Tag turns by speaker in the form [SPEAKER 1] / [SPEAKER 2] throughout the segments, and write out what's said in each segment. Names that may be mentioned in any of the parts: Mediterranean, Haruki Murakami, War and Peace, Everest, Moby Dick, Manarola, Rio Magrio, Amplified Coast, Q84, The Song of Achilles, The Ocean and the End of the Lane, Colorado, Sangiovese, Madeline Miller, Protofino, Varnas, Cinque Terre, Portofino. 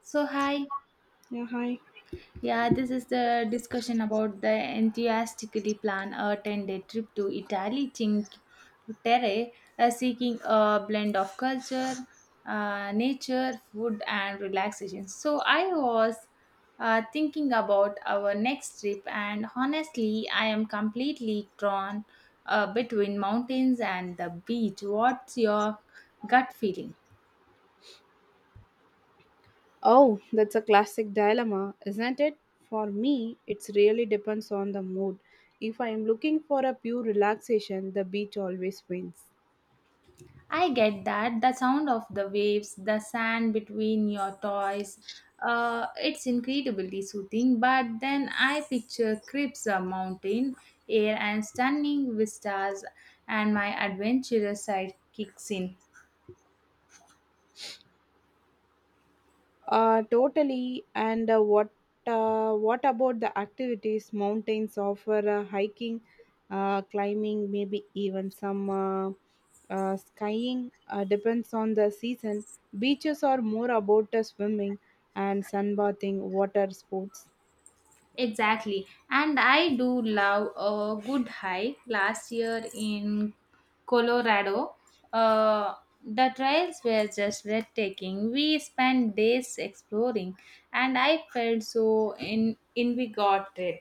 [SPEAKER 1] So, hi.
[SPEAKER 2] Yeah, hi.
[SPEAKER 1] Yeah, this is the discussion about the enthusiastically plan a 10-day trip to Italy, Cinque Terre, seeking a blend of culture, nature, food, and relaxation. So, I was thinking about our next trip, and honestly, I am completely drawn between mountains and the beach. What's your gut feeling?
[SPEAKER 2] Oh, that's a classic dilemma, isn't it? For me, it really depends on the mood. If I'm looking for a pure relaxation, the beach always wins.
[SPEAKER 1] I get that. The sound of the waves, the sand between your toes, it's incredibly soothing. But then I picture crisp mountain air and stunning vistas, and my adventurous side kicks in.
[SPEAKER 2] Totally. And what about the activities? Mountains offer hiking, climbing, maybe even some skiing. Depends on the season. Beaches are more about swimming and sunbathing, water sports.
[SPEAKER 1] Exactly. And I do love a good hike. Last year in Colorado, uh, the trails were just breathtaking. We spent days exploring, and I felt so in invigorated.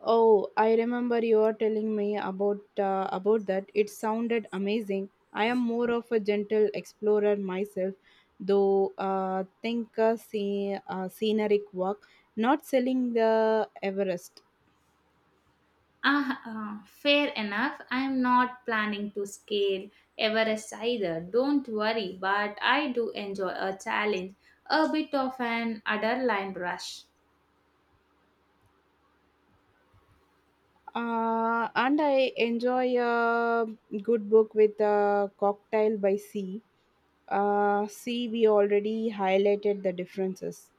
[SPEAKER 2] Oh, I remember you were telling me about that. It sounded amazing. I am more of a gentle explorer myself, though. Scenic walk, not selling the Everest.
[SPEAKER 1] Ah, Fair enough. I'm not planning to scale Everest either. Don't worry, but I do enjoy a challenge, a bit of an adrenaline rush.
[SPEAKER 2] And I enjoy a good book with a cocktail by sea. We already highlighted the differences.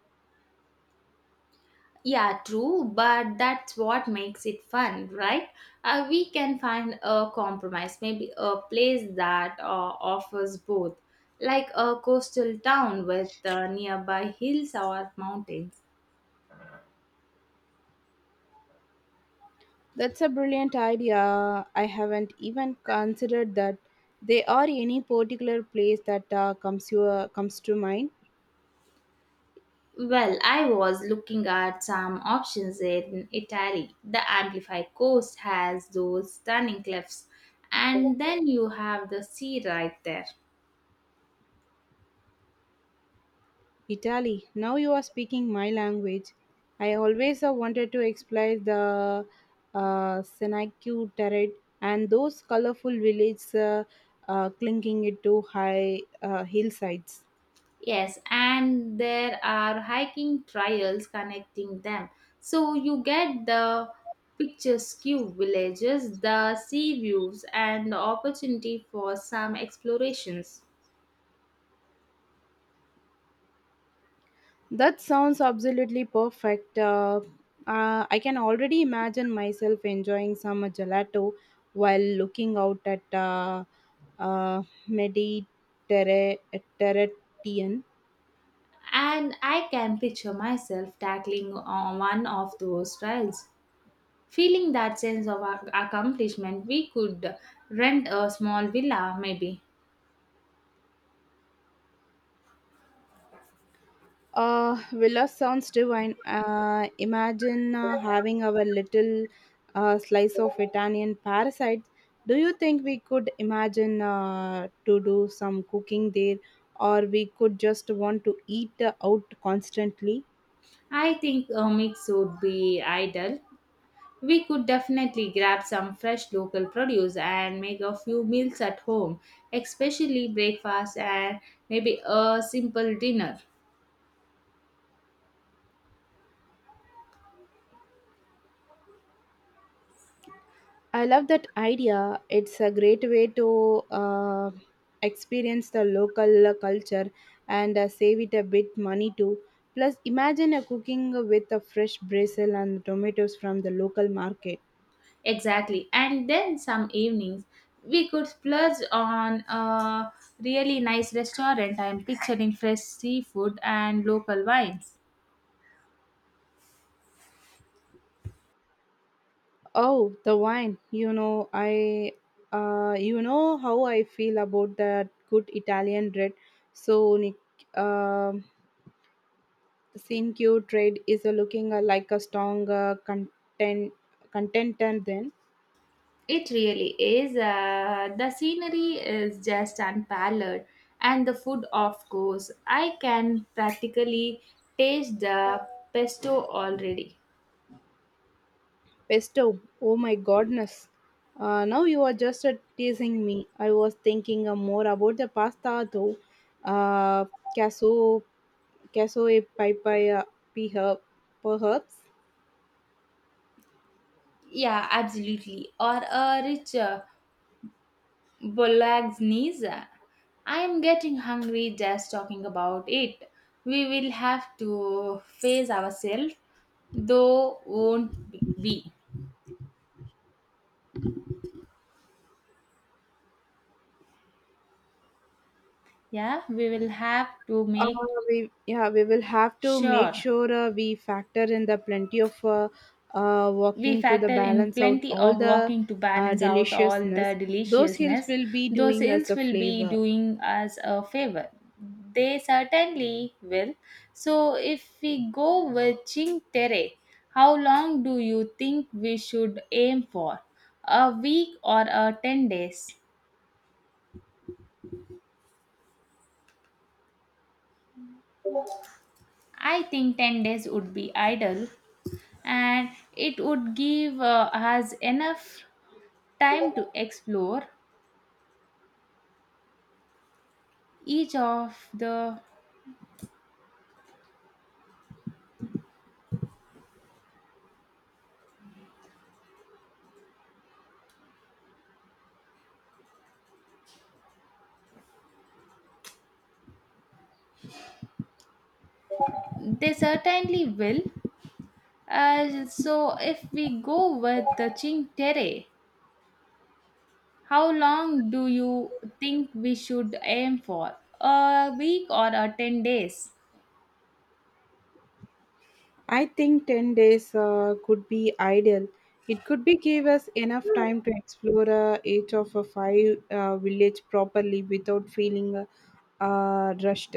[SPEAKER 1] Yeah, true, but that's what makes it fun, right? We can find a compromise, maybe a place that offers both, like a coastal town with nearby hills or mountains.
[SPEAKER 2] That's a brilliant idea. I haven't even considered that. There are any particular place that comes to mind?
[SPEAKER 1] Well, I was looking at some options in Italy. The Amplified Coast has those stunning cliffs, and then you have the sea right there.
[SPEAKER 2] Italy. Now you are speaking my language. I always wanted to explore the Senecue Terre and those colorful villages clinging it to high hillsides.
[SPEAKER 1] Yes, and there are hiking trails connecting them. So you get the picturesque villages, the sea views, and the opportunity for some explorations.
[SPEAKER 2] That sounds absolutely perfect. I can already imagine myself enjoying some gelato while looking out at uh, Mediterranean.
[SPEAKER 1] And I can picture myself tackling on one of those trails, feeling that sense of accomplishment. We could rent a small villa, maybe.
[SPEAKER 2] Villa sounds divine. Imagine having our little slice of Italian parasite. Do you think we could imagine to do some cooking there, or we could just want to eat out constantly?
[SPEAKER 1] I think a mix would be ideal. We could definitely grab some fresh local produce and make a few meals at home, especially breakfast and maybe a simple dinner.
[SPEAKER 2] I love that idea. It's a great way to uh, experience the local culture and save it a bit money too. Plus, imagine a cooking with a fresh basil and tomatoes from the local market.
[SPEAKER 1] Exactly. And then some evenings, we could splurge on a really nice restaurant. I'm picturing fresh seafood and local wines.
[SPEAKER 2] Oh, the wine! You know how I feel about that good Italian red. So, Nick, uh, Sinq trade is looking like a strong content contender then.
[SPEAKER 1] It really is. The scenery is just unparalleled, and the food, of course. I can practically taste the pesto already.
[SPEAKER 2] Pesto, oh my goodness. Now you are just teasing me. I was thinking more about the pasta though. Uh, casso, casso e pipe, perhaps.
[SPEAKER 1] Yeah, absolutely. Or a rich bolognese. I am getting hungry just talking about it. We will have to face ourselves, though won't be. Yeah, we will have to
[SPEAKER 2] Uh,
[SPEAKER 1] make
[SPEAKER 2] we will have to make
[SPEAKER 1] sure.
[SPEAKER 2] sure we factor in the plenty of
[SPEAKER 1] We
[SPEAKER 2] walking to the
[SPEAKER 1] factor in
[SPEAKER 2] balance out
[SPEAKER 1] plenty
[SPEAKER 2] all
[SPEAKER 1] of
[SPEAKER 2] the
[SPEAKER 1] walking to balance out all the
[SPEAKER 2] deliciousness. Those hills
[SPEAKER 1] deliciousness.
[SPEAKER 2] will be
[SPEAKER 1] Those
[SPEAKER 2] doing us
[SPEAKER 1] hills
[SPEAKER 2] a
[SPEAKER 1] will be
[SPEAKER 2] flavor.
[SPEAKER 1] doing us a favor. They certainly will. So, if we go with Ching Tere, how long do you think we should aim for? A week or a 10 days? I think 10 days would be ideal and it would give us enough time to explore each of the. They certainly will. So, if we go with the Ching Tere, how long do you think we should aim for? A week or a 10 days?
[SPEAKER 2] I think 10 days could be ideal. It could be give us enough time to explore each of a five village properly without feeling rushed.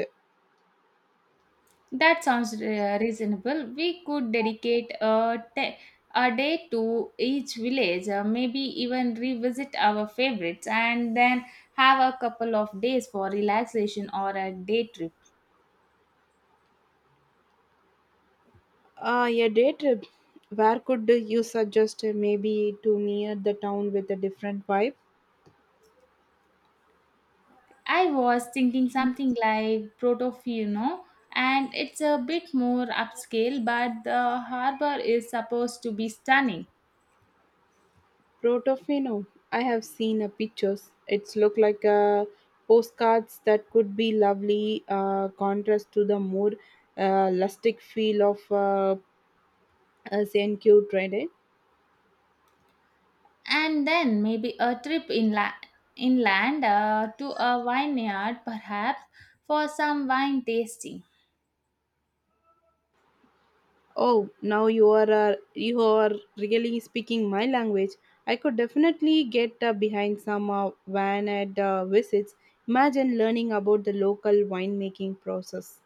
[SPEAKER 1] That sounds reasonable. We could dedicate a day to each village, maybe even revisit our favorites, and then have a couple of days for relaxation or a day trip.
[SPEAKER 2] A day trip. Where could you suggest maybe to near the town with a different vibe?
[SPEAKER 1] I was thinking something like Protofino, and it's a bit more upscale, but the harbor is supposed to be stunning.
[SPEAKER 2] Protofino. I have seen pictures. It's look like postcards that could be lovely contrast to the more rustic feel of St. Q.
[SPEAKER 1] And then maybe a trip inland to a vineyard, perhaps, for some wine tasting.
[SPEAKER 2] Oh, now you are really speaking my language. I could definitely get behind some van at visits. Imagine learning about the local winemaking process.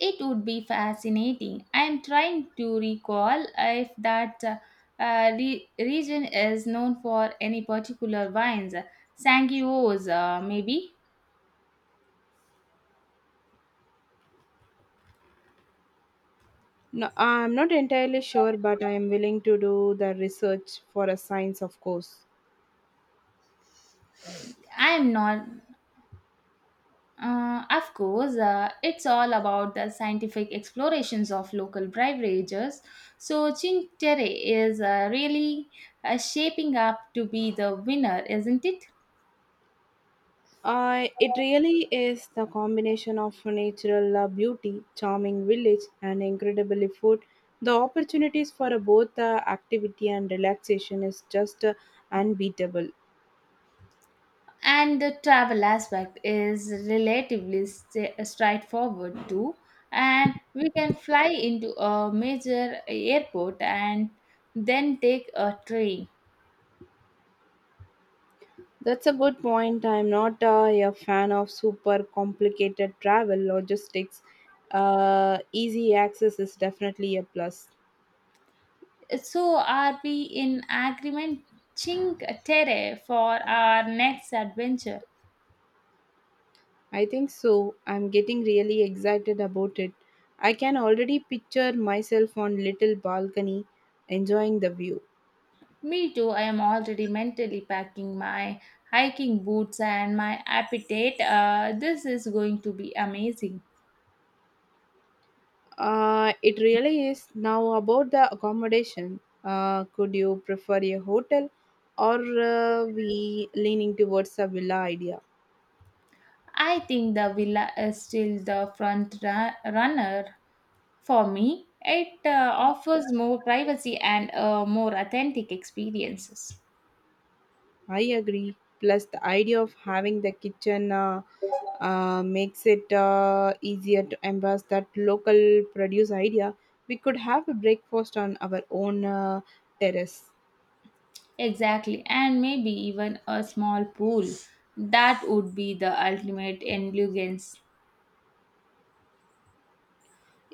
[SPEAKER 1] It would be fascinating. I am trying to recall if that region is known for any particular wines. Sangiovese, maybe.
[SPEAKER 2] No, I'm not entirely sure, but I am willing to do the research for a science, of course.
[SPEAKER 1] I am not. Of course, it's all about the scientific explorations of local beverages. So, Cinque Terre is really shaping up to be the winner, isn't it?
[SPEAKER 2] It really is the combination of natural beauty, charming village, and incredibly food. The opportunities for both activity and relaxation is just unbeatable.
[SPEAKER 1] And the travel aspect is relatively straightforward too. And we can fly into a major airport and then take a train.
[SPEAKER 2] That's a good point. I'm not a fan of super complicated travel logistics. Easy access is definitely a plus.
[SPEAKER 1] So, are we in agreement, Cinque Terre, for our next adventure?
[SPEAKER 2] I think so. I'm getting really excited about it. I can already picture myself on little balcony enjoying the view.
[SPEAKER 1] Me too, I am already mentally packing my hiking boots and my appetite. This is going to be amazing.
[SPEAKER 2] It really is. Now, about the accommodation, could you prefer a hotel or we leaning towards a villa idea?
[SPEAKER 1] I think the villa is still the runner for me. It offers more privacy and more authentic experiences.
[SPEAKER 2] I agree. Plus, the idea of having the kitchen makes it easier to embrace that local produce idea. We could have a breakfast on our own terrace.
[SPEAKER 1] Exactly, and maybe even a small pool. That would be the ultimate indulgence.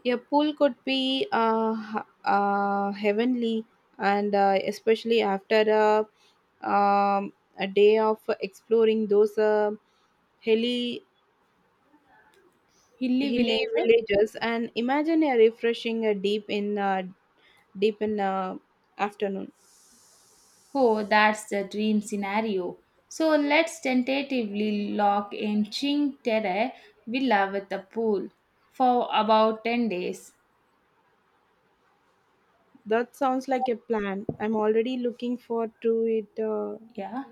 [SPEAKER 2] A pool could be heavenly, and especially after a day of exploring those hilly
[SPEAKER 1] Hilly
[SPEAKER 2] hilly
[SPEAKER 1] villager?
[SPEAKER 2] villages, and imagine a refreshing deep in afternoon.
[SPEAKER 1] Oh, that's the dream scenario. So let's tentatively lock in Ching Terre Villa with a pool for about 10 days.
[SPEAKER 2] That sounds like a plan. I'm already looking forward to it.
[SPEAKER 1] Yeah,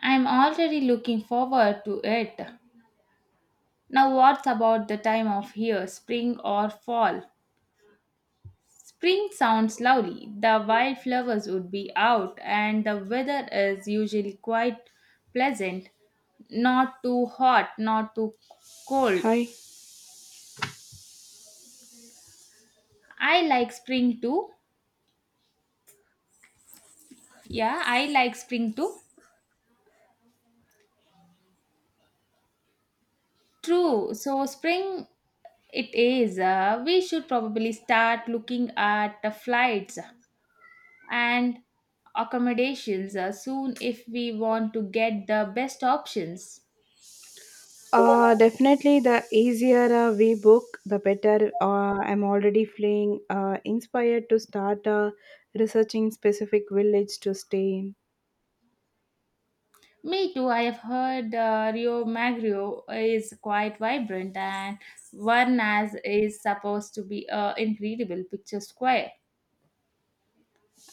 [SPEAKER 1] I'm already looking forward to it. Now, what's about the time of year, spring or fall? Spring sounds lovely. The wildflowers would be out, and the weather is usually quite pleasant. Not too hot, not too cold.
[SPEAKER 2] Hi.
[SPEAKER 1] I like spring too, yeah, I like spring too. True. So spring it is. We should probably start looking at the flights and accommodations soon if we want to get the best options.
[SPEAKER 2] Definitely the easier we book, the better. I'm already feeling inspired to start researching specific village to stay in.
[SPEAKER 1] Me too. I have heard Rio Magrio is quite vibrant and Varnas is supposed to be an incredible picture square.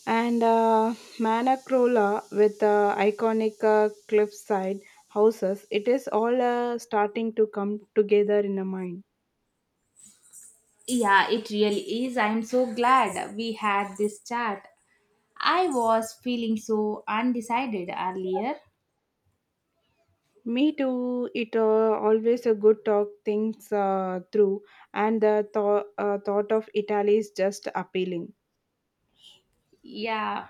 [SPEAKER 2] And Manacrola with iconic cliffside houses, it is all starting to come together in a mind.
[SPEAKER 1] Yeah, it really is. I'm so glad we had this chat. I was feeling so undecided earlier.
[SPEAKER 2] Me too. It always a good talk things through, and the thought of Italy is just appealing.
[SPEAKER 1] Yeah,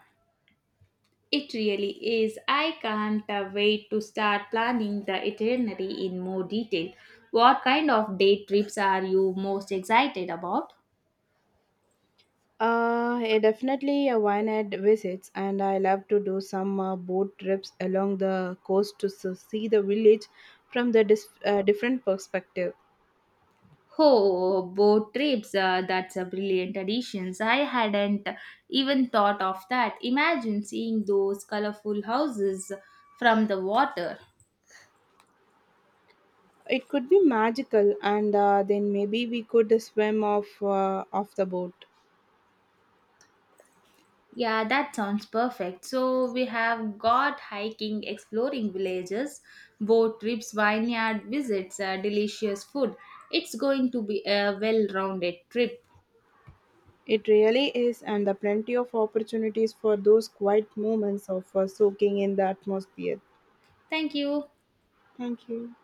[SPEAKER 1] it really is. I can't wait to start planning the itinerary in more detail. What kind of day trips are you most excited about?
[SPEAKER 2] Yeah, definitely a wine at visits, and I love to do some boat trips along the coast to see the village from the different perspective.
[SPEAKER 1] Oh, boat trips. That's a brilliant addition. I hadn't even thought of that. Imagine seeing those colorful houses from the water.
[SPEAKER 2] It could be magical, and then maybe we could swim off the boat.
[SPEAKER 1] Yeah, that sounds perfect. So we have got hiking, exploring villages, boat trips, vineyard visits, delicious food. It's going to be a well rounded trip.
[SPEAKER 2] It really is, and there are plenty of opportunities for those quiet moments of soaking in the atmosphere.
[SPEAKER 1] Thank you.
[SPEAKER 2] Thank you.